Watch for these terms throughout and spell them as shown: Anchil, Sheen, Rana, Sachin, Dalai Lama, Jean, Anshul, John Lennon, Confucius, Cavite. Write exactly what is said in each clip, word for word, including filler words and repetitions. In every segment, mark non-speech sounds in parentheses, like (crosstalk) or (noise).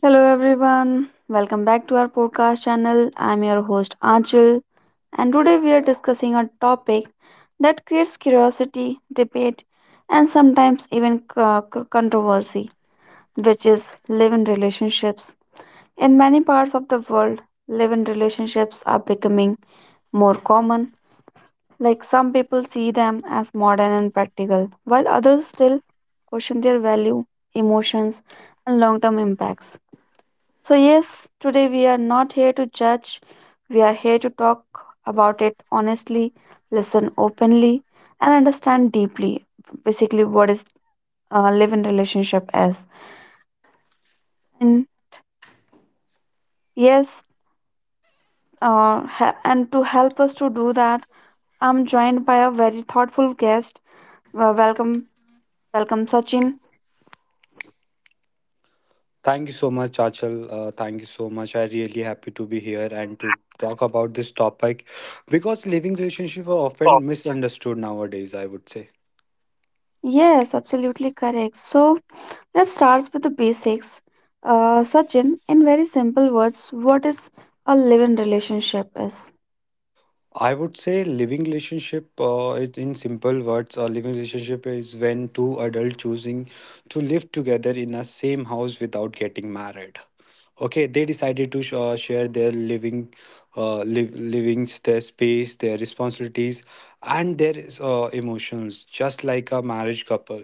Hello everyone, welcome back to our podcast channel. I'm your host Anchil, and today we are discussing a topic that creates curiosity, debate, and sometimes even c- c- controversy, which is live in relationships. In many parts of the world, live in relationships are becoming more common. Like some people see them as modern and practical, while others still question their value, emotions, and long term impacts. So, yes, today we are not here to judge, we are here to talk about it honestly, listen openly, and understand deeply basically what is uh, live in relationship is. And yes, uh, ha- and to help us to do that, I'm joined by a very thoughtful guest. Well, welcome, welcome, Sachin. Thank you so much, Achal. Uh, thank you so much. I really happy to be here and to talk about this topic because living relationship are often misunderstood nowadays, I would say. Yes, absolutely correct. So, let's start with the basics. Uh, Sachin, in very simple words, what is a live in relationship is? I would say living relationship uh, is- in simple words, a living relationship is when two adults choosing to live together in a same house without getting married. Okay, they decided to sh- uh, share their living, uh, liv- livings, their space, their responsibilities, and their uh, emotions, just like a marriage couple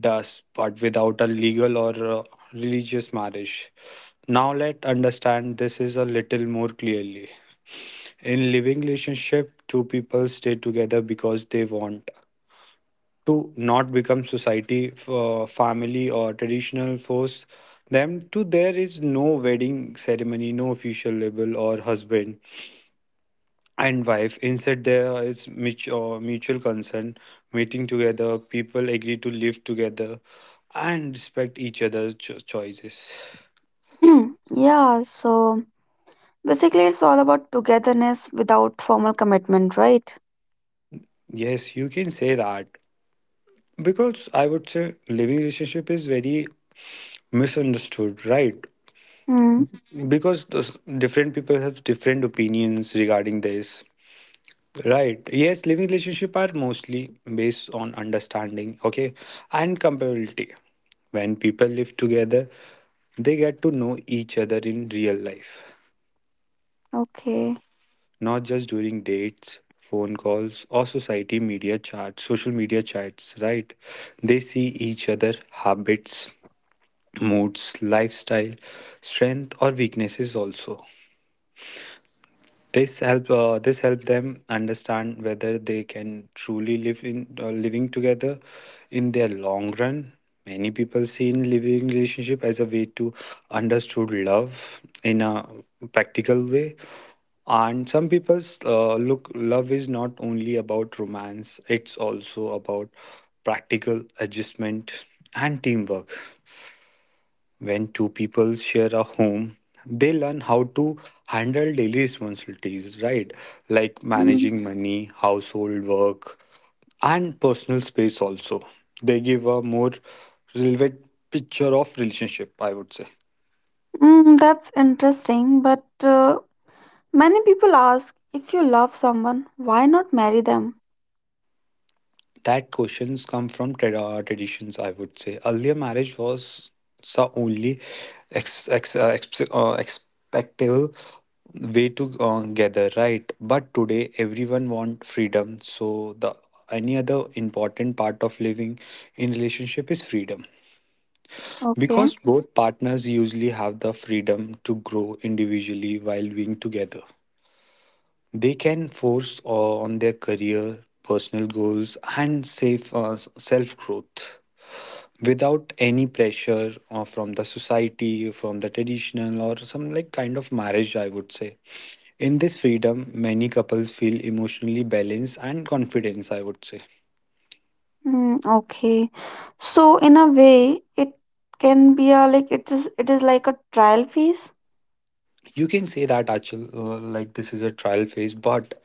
does, but without a legal or uh, religious marriage. Now let understand this is a little more clearly. In living relationship, two people stay together because they want to not become society, f- uh, family, or traditional force them to there is no wedding ceremony, no official label or husband and wife. Instead, there is mutual, mutual consent, meeting together, people agree to live together and respect each other's cho- choices. (clears throat) Hmm, yeah, so basically it's all about togetherness without formal commitment, right? Yes, you can say that because I would say living relationship is very misunderstood, right? Hmm. Because those different people have different opinions regarding this. Right. Yes, living relationship are mostly based on understanding, okay, and compatibility. When people live together, they get to know each other in real life, Okay. not just during dates, phone calls, or society media chats, social media chats, right? They see each other habits, moods, lifestyle, strength or weaknesses also. This help uh, this help them understand whether they can truly live in uh, living together in their long run. Many people see in living relationship as a way to understood love in a practical way, and some people uh, look love is not only about romance; it's also about practical adjustment and teamwork. When two people share a home, they learn how to handle daily responsibilities, right? Like Mm. managing money, household work, and personal space also. They give a more relevant picture of relationship, I would say. Mm, that's interesting, but uh, many people ask, if you love someone, why not marry them? That questions come from tra- uh, traditions, I would say. Earlier marriage was the only ex- ex- uh, ex- uh, expectable way to uh, gather, right? But today everyone want freedom, so the any other important part of living in relationship is freedom Okay. because both partners usually have the freedom to grow individually while being together. They can force uh, on their career, personal goals, and safe uh, self growth without any pressure uh, from the society, from the traditional, or some like kind of marriage, I would say. In this freedom, many couples feel emotionally balanced and confidence, I would say. Mm, okay. So in a way, it can be a, like, it is, it is like a trial piece. You can say that actually, uh, like this is a trial phase, but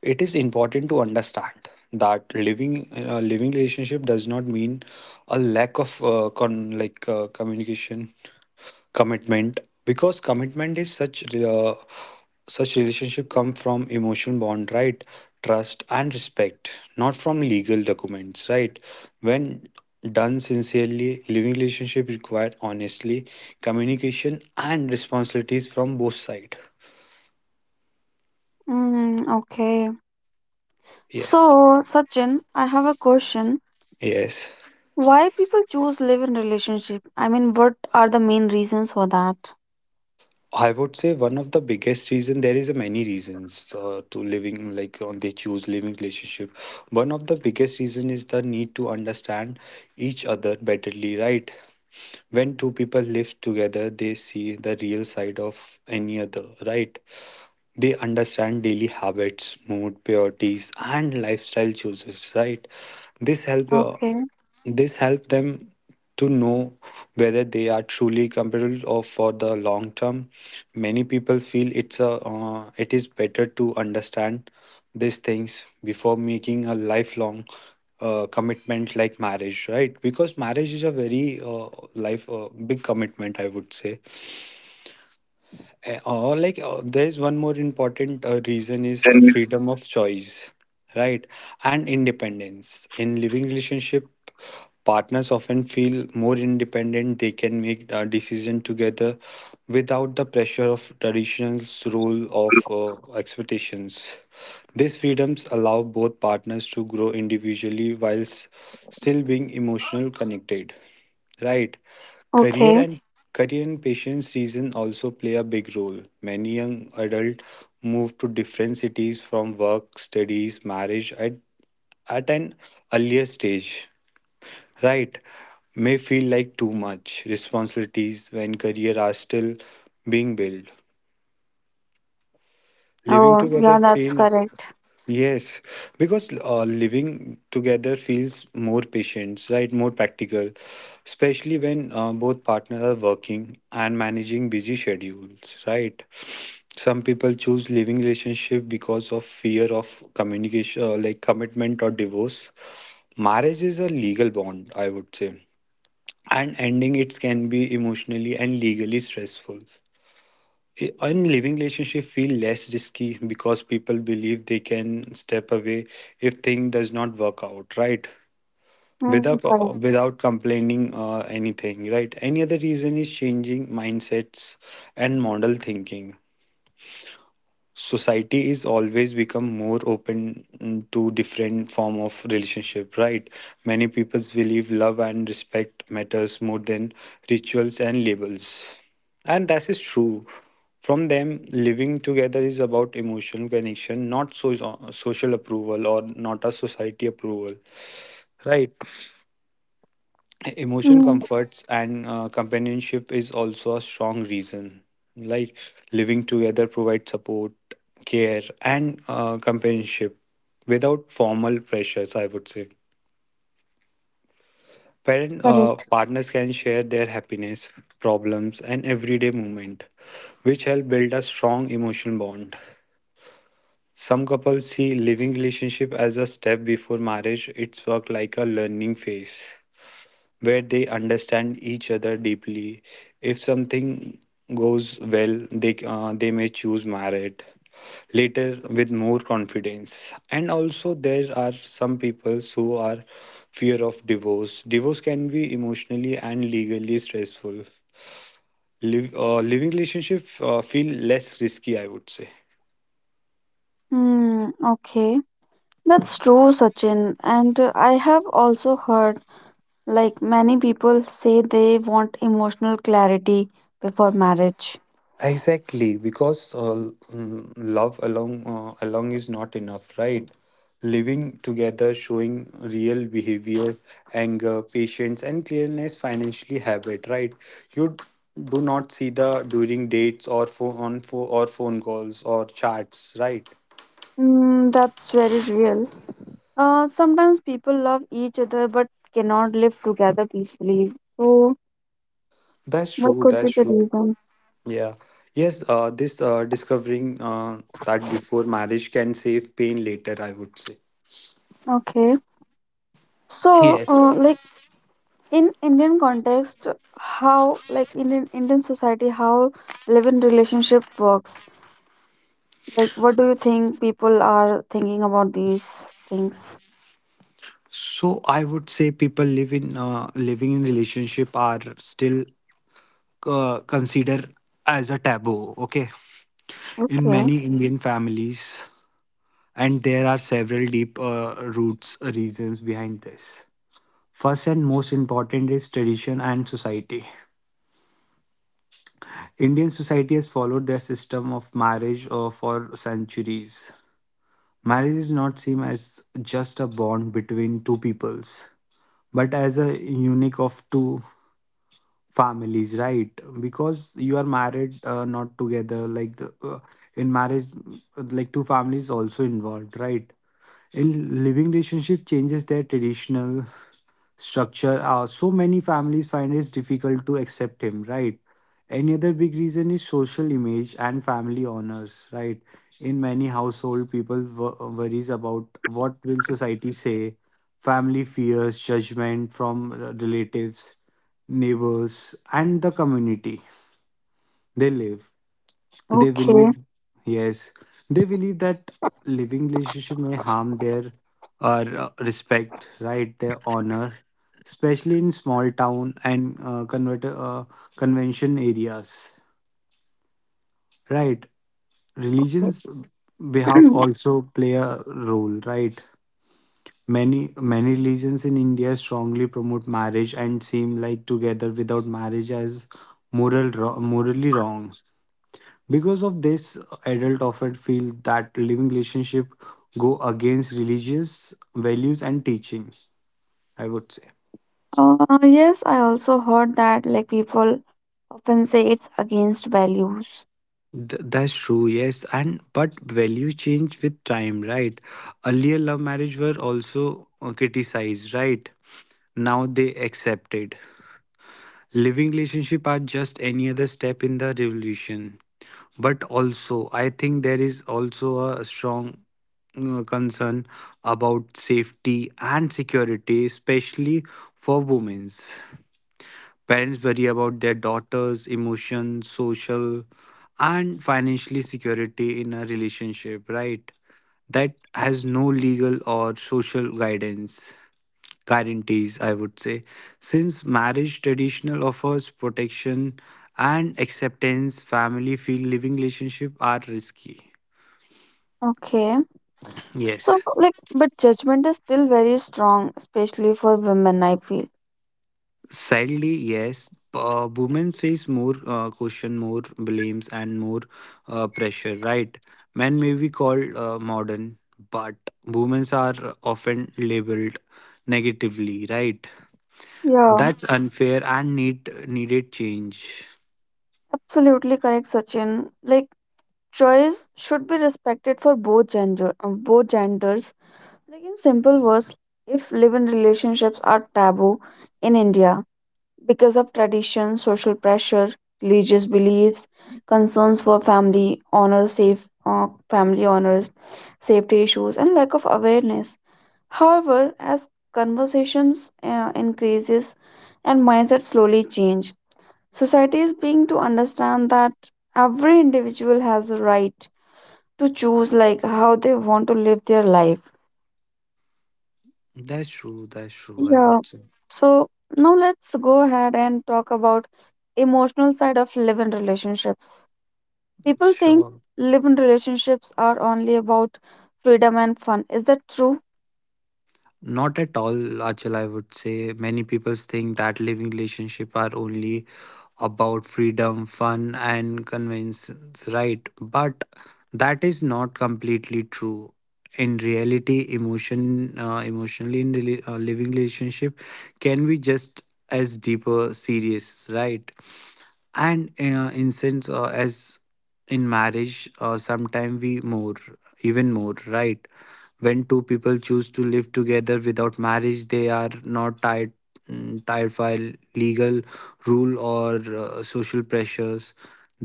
it is important to understand that living a living relationship does not mean a lack of uh, con like uh, communication commitment because commitment is such uh, such relationship come from emotional bond, right? Trust and respect, not from legal documents, right? When done sincerely, living relationship require honestly communication and responsibilities from both sides. Mm, okay. Yes. So Sachin, I have a question. Yes. Why people choose live in relationship? I mean, what are the main reasons for that? I would say one of the biggest reason there is a many reasons uh, to living like uh, they choose living relationship. One of the biggest reason is the need to understand each other betterly, right? When two people live together they see the real side of any other, right? They understand daily habits, mood, priorities, and lifestyle choices, right? This help uh, Okay, this help them to know whether they are truly compatible or for the long term. Many people feel it's a uh, it is better to understand these things before making a lifelong uh, commitment like marriage, right? Because marriage is a very uh, life uh, big commitment, I would say. Uh, Or like uh, there is one more important uh, reason is uh, freedom of choice, right? And independence. In living relationship, partners often feel more independent. They can make a decision together without the pressure of traditions, rule of uh, expectations. These freedoms allow both partners to grow individually whilst still being emotional connected. Right. Career okay. and career and patience reason also play a big role. Many young adults move to different cities from work, studies, marriage at, at an earlier stage. Right. May feel like too much responsibilities when career are still being built. Living Oh, together yeah, that's feel correct. yes, because uh, living together feels more patient, right? More practical, especially when uh, both partners are working and managing busy schedules, right? Some people choose living relationship because of fear of communication, uh, like commitment or divorce. Marriage is a legal bond, I would say, and ending it can be emotionally and legally stressful. In living relationship feel less risky because people believe they can step away if thing does not work out, right? Mm, without correct. without complaining or anything, right? Any other reason is changing mindsets and model thinking. Society is always become more open to different form of relationship, right? Many people believe love and respect matters more than rituals and labels, and that is true. From them living together is about emotional connection, not so- so, social approval or not a society approval, right? Emotion Mm, comforts and uh, companionship is also a strong reason, like living together provides support, care, and uh, companionship without formal pressures, I would say. Parent uh, correct. Partners can share their happiness, problems, and everyday moment, which help build a strong emotional bond. Some couples see living relationship as a step before marriage. It's work like a learning phase where they understand each other deeply. If something goes well, they uh, they may choose marriage later with more confidence. And also, there are some people who are fear of divorce. Divorce can be emotionally and legally stressful. Live uh, Living relationship uh, feel less risky, I would say. Hmm, okay. That's true, Sachin. And uh, I have also heard like many people say they want emotional clarity before marriage. Exactly, because uh, mm, love alone uh, alone is not enough, right? Living together, showing real behavior, anger, patience, and clearness, financially habit, right? You do not see the during dates or phone on phone or phone calls or chats, right? Hmm, that's very real. Uh, sometimes people love each other but cannot live together peacefully. So, That's what true. could be That's the true. reason? Yeah. Yes. Uh, this uh, Discovering uh, that before marriage can save pain later, I would say. Okay. So, Yes. uh, like in Indian context, how, like in in Indian society, how live-in relationship works? Like, what do you think people are thinking about these things? So I would say people live in uh, living in relationship are still uh, considered as a taboo. Okay, in Okay, many Indian families, and there are several deep uh, roots uh, reasons behind this. First and most important is tradition and society. Indian society has followed their system of marriage uh, for centuries. Marriage is not seen as just a bond between two peoples, but as a unique of two families, right? Because you are married uh, not together like the, uh, in marriage uh, like two families also involved, right? In living relationship changes their traditional structure, uh, so many families find it difficult to accept him, right? Any other big reason is social image and family honors, right? In many household people wo- worries about what will society say. Family fears judgment from relatives, neighbors, and the community they live. They okay. believe, yes, they believe that living relationship may harm their uh, respect, right? Their honor, especially in small town and uh, convert, uh, convention areas, right? Religions behalf (clears throat) also play a role, right? Many many religions in India strongly promote marriage and seem like together without marriage as moral ro- morally wrong. Because of this, adult often feel that living relationship go against religious values and teaching, I would say. Uh, yes, I also heard that like people often say it's against values. Th- that's true, yes. And but values change with time, right? Earlier love marriage were also uh, criticized, right? Now they accepted. Living relationship are just any other step in the revolution. But also, I think there is also a strong uh, concern about safety and security, especially for women. Parents worry about their daughters' emotions, social, and financially security in a relationship, right? That has no legal or social guidance guarantees, I would say, since marriage traditional offers protection and acceptance, family feel living relationship are risky. Okay. So Yes. like, but judgment is still very strong, especially for women, I feel. Sadly, yes. Uh, women face more uh, question, more blames, and more uh, pressure, right? Men may be called uh, modern, but women are often labeled negatively, right? Yeah, That's unfair and need needed change. absolutely correct, Sachin. Like choice should be respected for both gender uh, both genders. Like in simple words, if live-in relationships are taboo in India because of tradition, social pressure, religious beliefs, concerns for family honor, safe uh, family honors, safety issues, and lack of awareness. However, as conversations uh, increases and mindset slowly change, society is being to understand that every individual has a right to choose, like, how they want to live their life. That's true. That's true, I Yeah. would say. So now let's go ahead and talk about emotional side of live-in relationships. People think Sure. live-in relationships are only about freedom and fun. Is that true? Not at all, Achal. I would say many people think that living relationship are only about freedom, fun, and convenience, right? But that is not completely true. In reality emotion uh, emotionally in rela- uh, living relationship can be just as deeper serious, right? And uh, in sense uh, as in marriage, uh, sometime we more even more, right? When two people choose to live together without marriage they are not tied mm, tied by legal rule or uh, social pressures.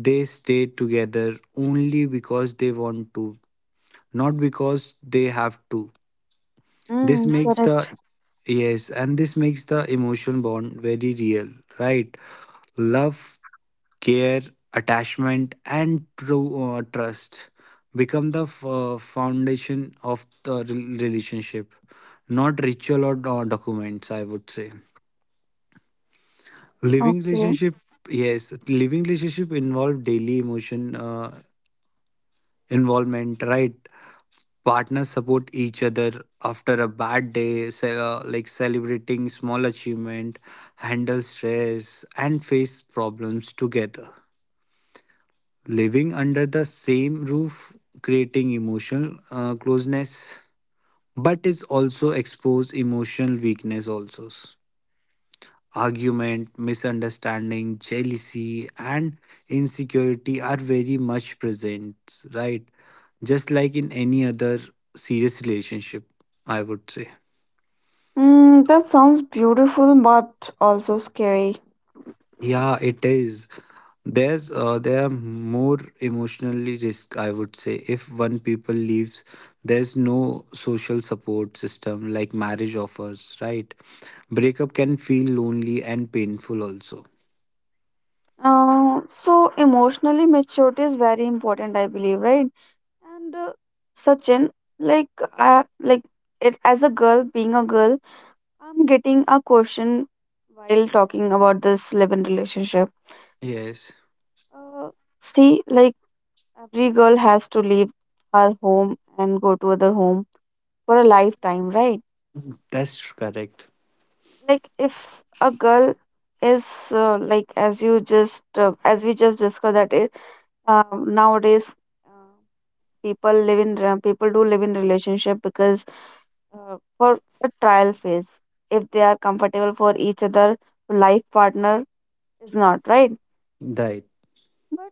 They stay together only because they want to, not because they have to. This Mm, makes the correct. Yes, and this makes the emotional bond very real, right? Love, care, attachment, and true uh, trust become the f- uh, foundation of the rel- relationship, not ritual or or documents. I would say living Okay. relationship yes living relationship involve daily emotion uh, involvement, right? Partners support each other after a bad day, ce- uh, like celebrating small achievement, handle stress and face problems together. Living under the same roof creating emotional uh, closeness, but is also expose emotional weakness also. Argument, misunderstanding, jealousy and insecurity are very much present, right? Just like in any other serious relationship, I would say. Mm, that sounds beautiful but also scary. Yeah, it is. There's uh, there are more emotionally risk, I would say. If one people leaves, there's no social support system like marriage offers, right? Breakup can feel lonely and painful also. Uh, so emotionally maturity is very important, I believe, right? And uh, Sachin, like, I like it as a girl, being a girl, I'm getting a question while talking about this live-in relationship. Yes, Uh, See, like, every girl has to leave her home and go to other home for a lifetime, right? that's correct. Like, if a girl is, uh, like, as you just uh, as we just discussed that it, uh, nowadays, uh, people live in re- people do live in relationship because, uh, for a trial phase, if they are comfortable for each other, life partner is not, right? Right. But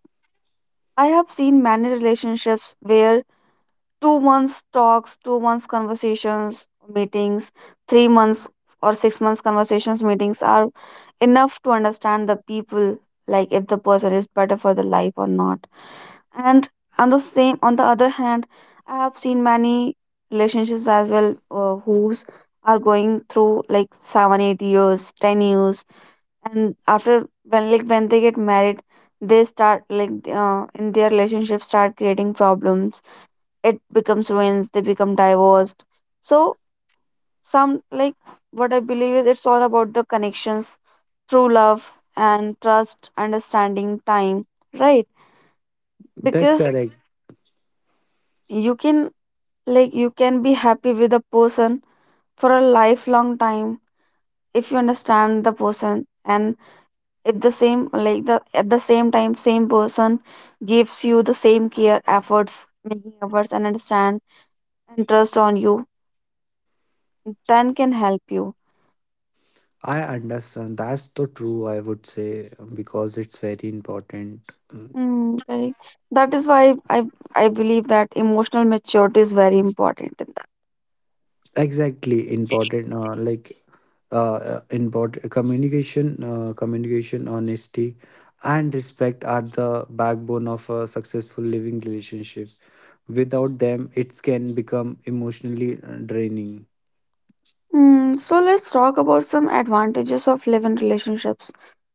I have seen many relationships where two months talks, two months conversations, meetings, three months or six months conversations, meetings, are enough to understand the people, like if the person is better for the life or not. And on the same, on the other hand, I have seen many relationships as well, uh, whose are going through like seven eight years, ten years, and after, when, like when they get married, they start, like, uh, in their relationship start creating problems. It becomes ruins, they become divorced. So, some, like, what I believe is, it's all about the connections, true love, and trust, understanding, time, right? That's Because correct. you can, like, you can be happy with a person for a lifelong time if you understand the person, and if the same, like the, at the same time, same person gives you the same care, efforts, making efforts and understand and trust on you, then can help you. I understand. That's the true, I would say, because it's very important. Mm, correct. That is why I I believe that emotional maturity is very important in. Exactly important, uh, like uh, important communication uh, communication, honesty and respect are the backbone of a successful living relationship. Without them it can become emotionally uh, draining. Mm, so let's talk about some advantages of live-in relationships.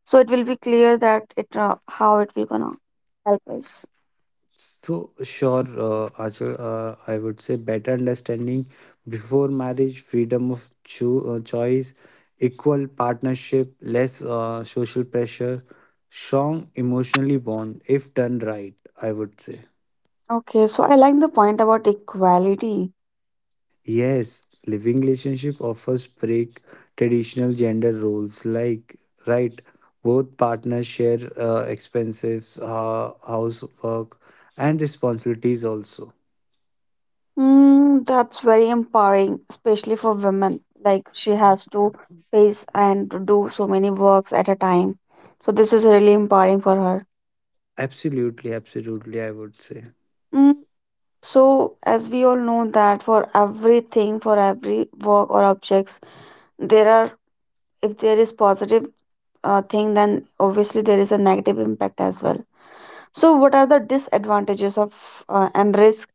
So it will be clear that it uh, how it will gonna help us. So, sure, uh, Achal, uh, I would say better understanding before marriage, freedom of cho- uh, choice, equal partnership, less uh, social pressure, strong emotionally bond if done right, I would say. Okay, so I like the point about equality. Yes, living relationship offers break traditional gender roles, like, right, both partners share uh, expenses, uh, housework, and responsibilities also. Mm, that's very empowering, especially for women. Like, she has to face and to do so many works at a time. So this is really empowering for her. Absolutely, absolutely, I would say. Mm, so as we all know that for everything, for every work or objects, there are if there is positive, uh, thing, then obviously there is a negative impact as well. So, what are the disadvantages of uh, and risk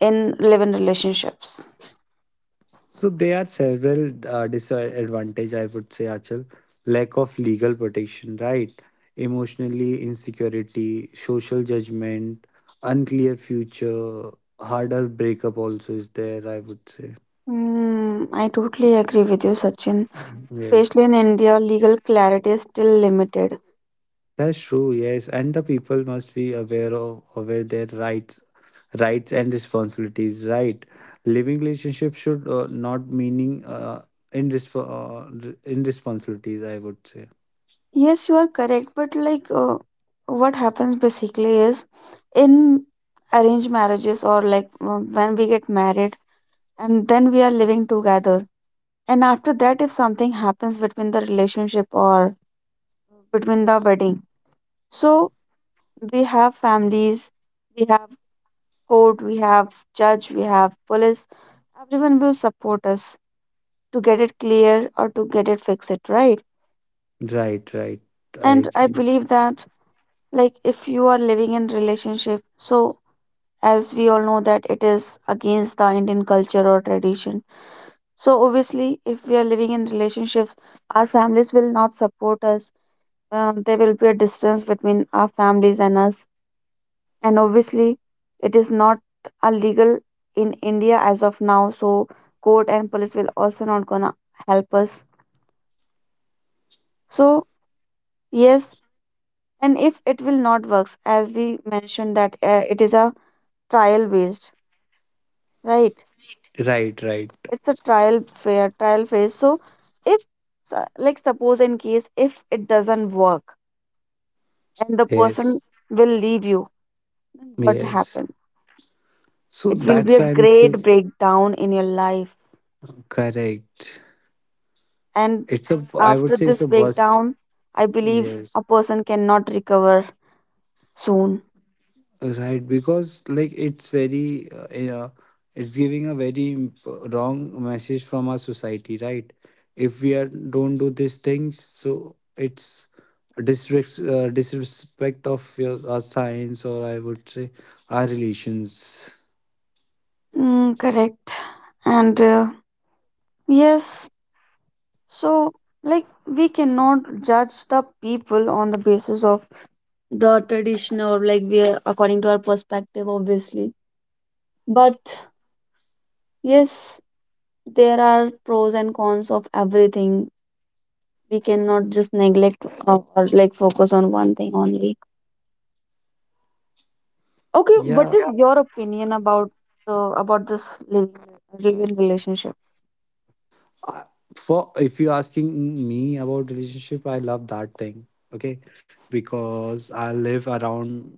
in live-in relationships? So there are several uh, disadvantage, I would say, Achal. Lack of legal protection, right? Emotionally insecurity, social judgment, unclear future, harder breakup also is there, I would say. Mm, I totally agree with you, Sachin. Mhm. Yes. Especially in India, legal clarity is still limited. That's true, yes. And the people must be aware of aware their rights rights and responsibilities, right? Living relationship should uh, not meaning uh, in resp- uh, r- in responsibilities, I would say. Yes, you are correct, but, like, uh, what happens basically is, in arranged marriages or, like, uh, when we get married and then we are living together. And after that, if something happens between the relationship or between the wedding, so we have families, we have court, we have judge, we have police. Everyone will support us to get it clear or to get it fix it, right? Right, right, I And I agree. believe that, like, if you are living in relationship, so as we all know that it is against the Indian culture or tradition. So obviously, if we are living in relationships, our families will not support us. Uh, there will be a distance between our families and us, and obviously it is not illegal in India as of now, so court and police will also not gonna help us. So yes, and if it will not works, as we mentioned that, uh, it is a trial based, right? Right, right. It's a trial fair trial phase. So if, su- like, suppose, in case if it doesn't work and the person Yes, will leave you, then what yes. happen? So It will be that's a why I'm great saying, breakdown in your life. correct. And It's a, I after would say, it's this a bust. breakdown, I believe Yes. a person cannot recover soon. Right, because like it's very, uh, uh, it's giving a very imp- wrong message from our society, right? If we are don't do these things, so it's a disrespect, uh, disrespect of your our science, or I would say our relations. Mm, correct. And uh, yes, so, like, we cannot judge the people on the basis of the tradition, or, like, we are according to our perspective, obviously. But yes, there are pros and cons of everything. We cannot just neglect, or, or, like, focus on one thing only. Okay, what Yeah, is your opinion about uh, about this living living relationship? I- for if you're asking me about relationship, I love that thing. Okay, because I live around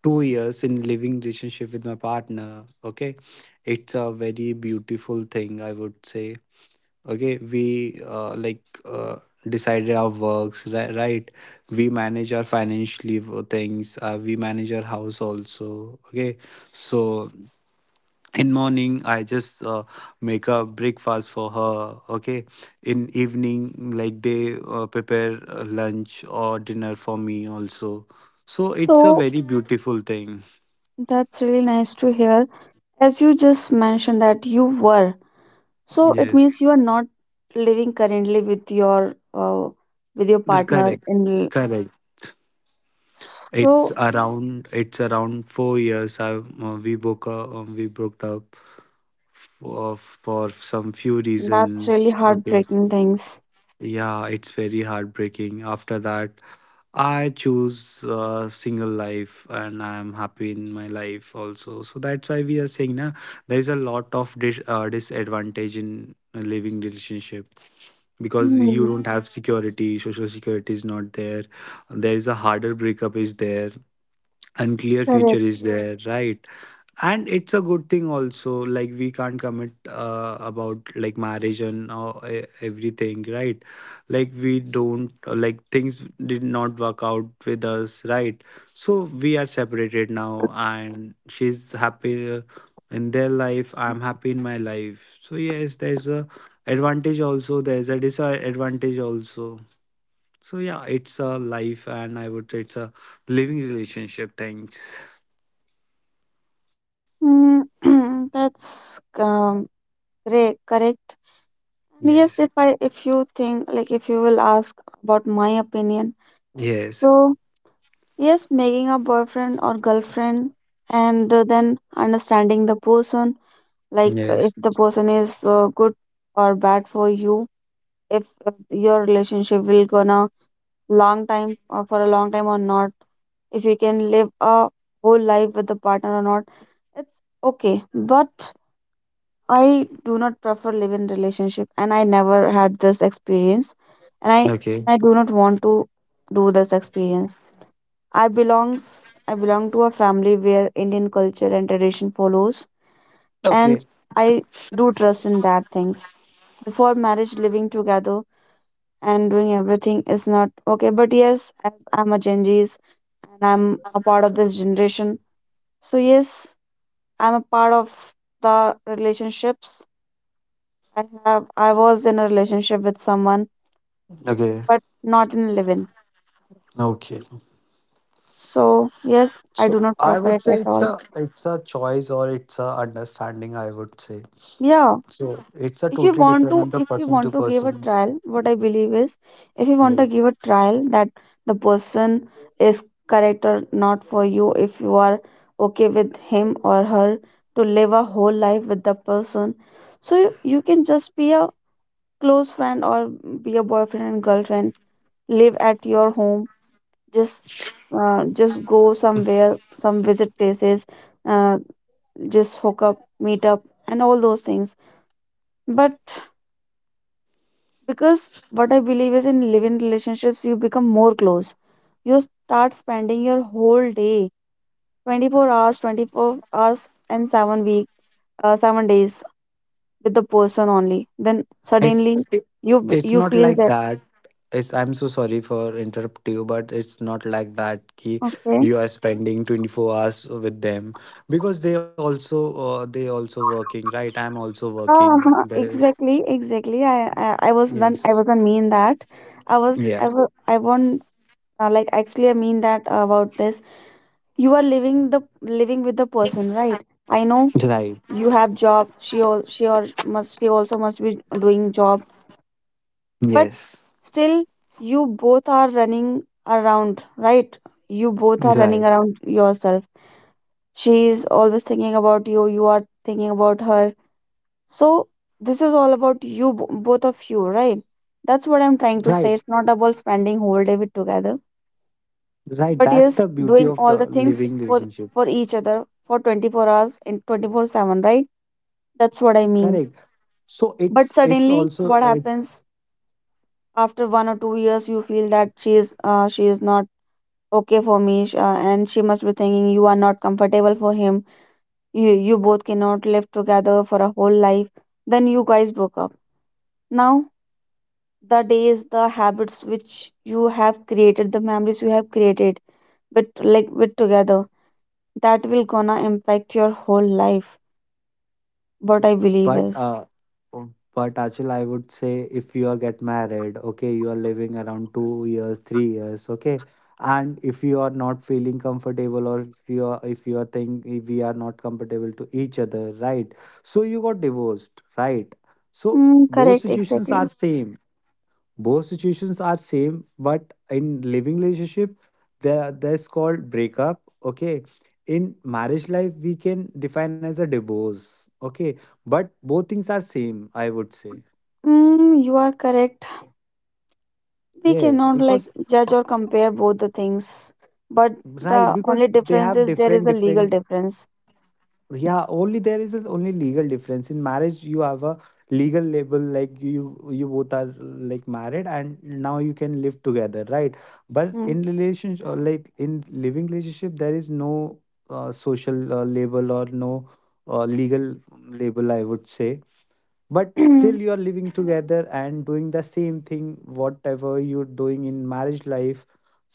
two years in living relationship with my partner. Okay, it's a very beautiful thing, I would say. Okay, we, uh, like uh, decided our works, ri- right? We manage our financially w- things, uh, we manage our house also. Okay, so in morning I just uh, make a breakfast for her. Okay, in evening, like, they uh, prepare, uh, lunch or dinner for me also. So it's a So very beautiful thing. that's really nice to hear. As you just mentioned that you were, so it Yes, means you are not living currently with your uh, with your they're partner correct. in. l- Correct. It's So around. It's around four years. I uh, we broke up. Um, we broke up for for some few that's really reasons. Okay. heartbreaking things. Yeah, it's very heartbreaking. After that, I choose uh, single life, and I am happy in my life also. So that's why we are saying, na, there is a lot of dis- uh, disadvantage in a living relationship, because you Hmm, don't have security. Social security is not there, there is a harder breakup is there, unclear future correct. is there, right? And it's a good thing also, like we can't commit, uh, about like marriage and uh, e- everything, right? Like we don't, uh, like things did not work out with us, right? So we are separated now and she's happy in their life, I'm happy in my life. So yes, there's a advantage also, there's a disadvantage also. So yeah, it's a life, and I would say it's a living relationship. Thanks. Mm, (clears throat) that's, um, great, correct. And yes, Yes, if I if you think, like, if you will ask about my opinion, yes. so. Yes, making a boyfriend or girlfriend and, uh, then understanding the person, like, uh, if Yes. the person is, uh, good or bad for you, if, uh, your relationship will gonna long time uh, for a long time or not, if you can live a whole life with the partner or not, it's okay. But I do not prefer live-in relationship, and I never had this experience, and I Okay. I do not want to do this experience. I belongs I belong to a family where Indian culture and tradition follows, and Okay. I do trust in that things. Before marriage, living together and doing everything is not okay. But yes, as I'm a Gen Z's and I'm a part of this generation, so yes, I'm a part of the relationships. I have I was in a relationship with someone, Okay. but not in live-in. Okay. So yes, I So do not I prefer would it at say it's all. a, it's a choice, or it's a understanding, I would say. Yeah. So it's a If you totally want depend to, on the if you person to want to give a person. trial, what I believe is, if you want to Yes. give a trial that the person is correct or not for you, if you are okay with him or her to live a whole life with the person, so you, you can just be a close friend or be a boyfriend and girlfriend, live at your home, just uh, just go somewhere, some visit places, uh, just hook up, meet up, and all those things. But, because what I believe is, in living relationships you become more close, you start spending your whole day, twenty-four hours, twenty-four hours and seven week uh, seven days with the person only. Then suddenly It's it, you b- it's you not feel like that, that. It's, I'm so sorry for interrupt you, but it's not like that. Ki okay. you are spending twenty-four hours with them, because they also, uh, they also working, right? I'm also Ah, working. (laughs) There's exactly, exactly, I, I i was not yes, I wasn't mean that. i was yeah, i was I want, uh, like, actually, I mean, that, about this, you are living the living with the person, right? I know right. you have job, she all she or must she also must be doing job. But Yes. still you both are running around, right? You both are Right. running around yourself. She is always thinking about you you are thinking about her. So this is all about you bo- both of you, right? That's what I'm trying to say. Right, It's not about spending whole day with together. right, But that's yes, the beauty doing of the all the things living for relationship. for each other for twenty-four hours in twenty-four seven, right? That's what I mean. Correct. So But it's it's suddenly, also what it, happens, after one or two years, you feel that she is uh, she is not okay for me, sh- uh, and she must be thinking you are not comfortable for him. You you both cannot live together for a whole life. Then you guys broke up. Now the days, the habits which you have created, the memories you have created with, like with together, that will gonna impact your whole life, what I believe but is. uh um, but Achal, I would say if you are get married, okay, you are living around two years, three years, okay, and if you are not feeling comfortable, or if you are if you are think if we are not comfortable to each other, right? So you got divorced, right? So Mm, both correct, situations exactly. are same. Both situations are same, but in living relationship, there, that's called breakup. Okay, in marriage life we can define as a divorce. Okay, but both things are same, I would say. Mm, you are correct, we Yes, cannot, like, because, judge or compare both the things, but right, the because only they difference have is, there is different a legal different, difference. yeah, only there is this only legal difference. In marriage you have a legal label, like you you both are like married and now you can live together, right? But in relationship, or like in living relationship, there is no uh, social uh, label, or no uh, legal label, I would say. But still Mm. you are living together and doing the same thing, whatever you're doing in marriage life.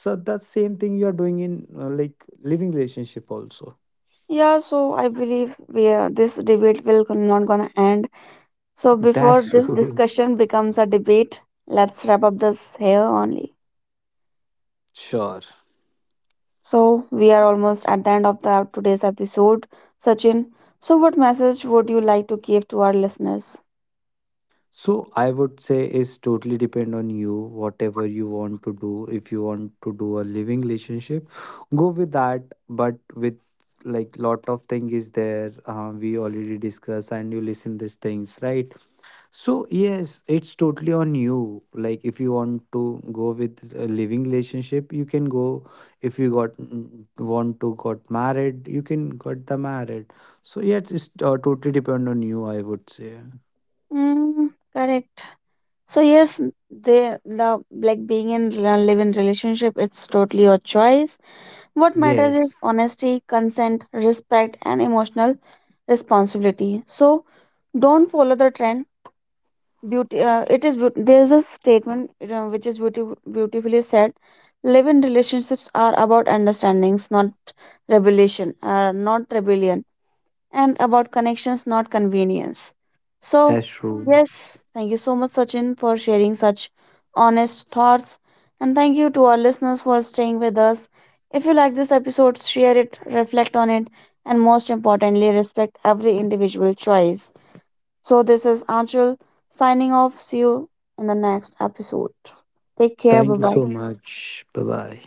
So that same thing you are doing in, uh, like, living relationship also. (clears throat) Yeah, so I believe we are, this debate will go- not gonna end. So before That's this true. (laughs) discussion becomes a debate, let's wrap up this here only. Sure. So we are almost at the end of the today's episode, Sachin. So what message would you like to give to our listeners? So I would say it's totally depend on you, whatever you want to do. If you want to do a living relationship, go with that. But with like lot of thing is there. Uh, we already discuss and you listen these things, right? So yes, it's totally on you. Like if you want to go with a living relationship, you can go. If you got mm, want to got married, you can got the married. So yes, it's uh, totally depend on you, I would say. Mm, correct. So yes, they love, like being in rela- live-in relationship, it's totally your choice. What matters is Yes, honesty, consent, respect, and emotional responsibility. So don't follow the trend. Beauty. Uh, it is, beaut- there's a statement you know, which is beautiful, beautifully said. Live-in relationships are about understandings, not revelation. Uh, not rebellion, and about connections, not convenience. So, that's true. yes, thank you so much, Sachin, for sharing such honest thoughts. And thank you to our listeners for staying with us. If you like this episode, share it, reflect on it, and most importantly, respect every individual choice. So, this is Anshul signing off. See you in the next episode. Take care. Thank Bye you bye. so much. Bye bye.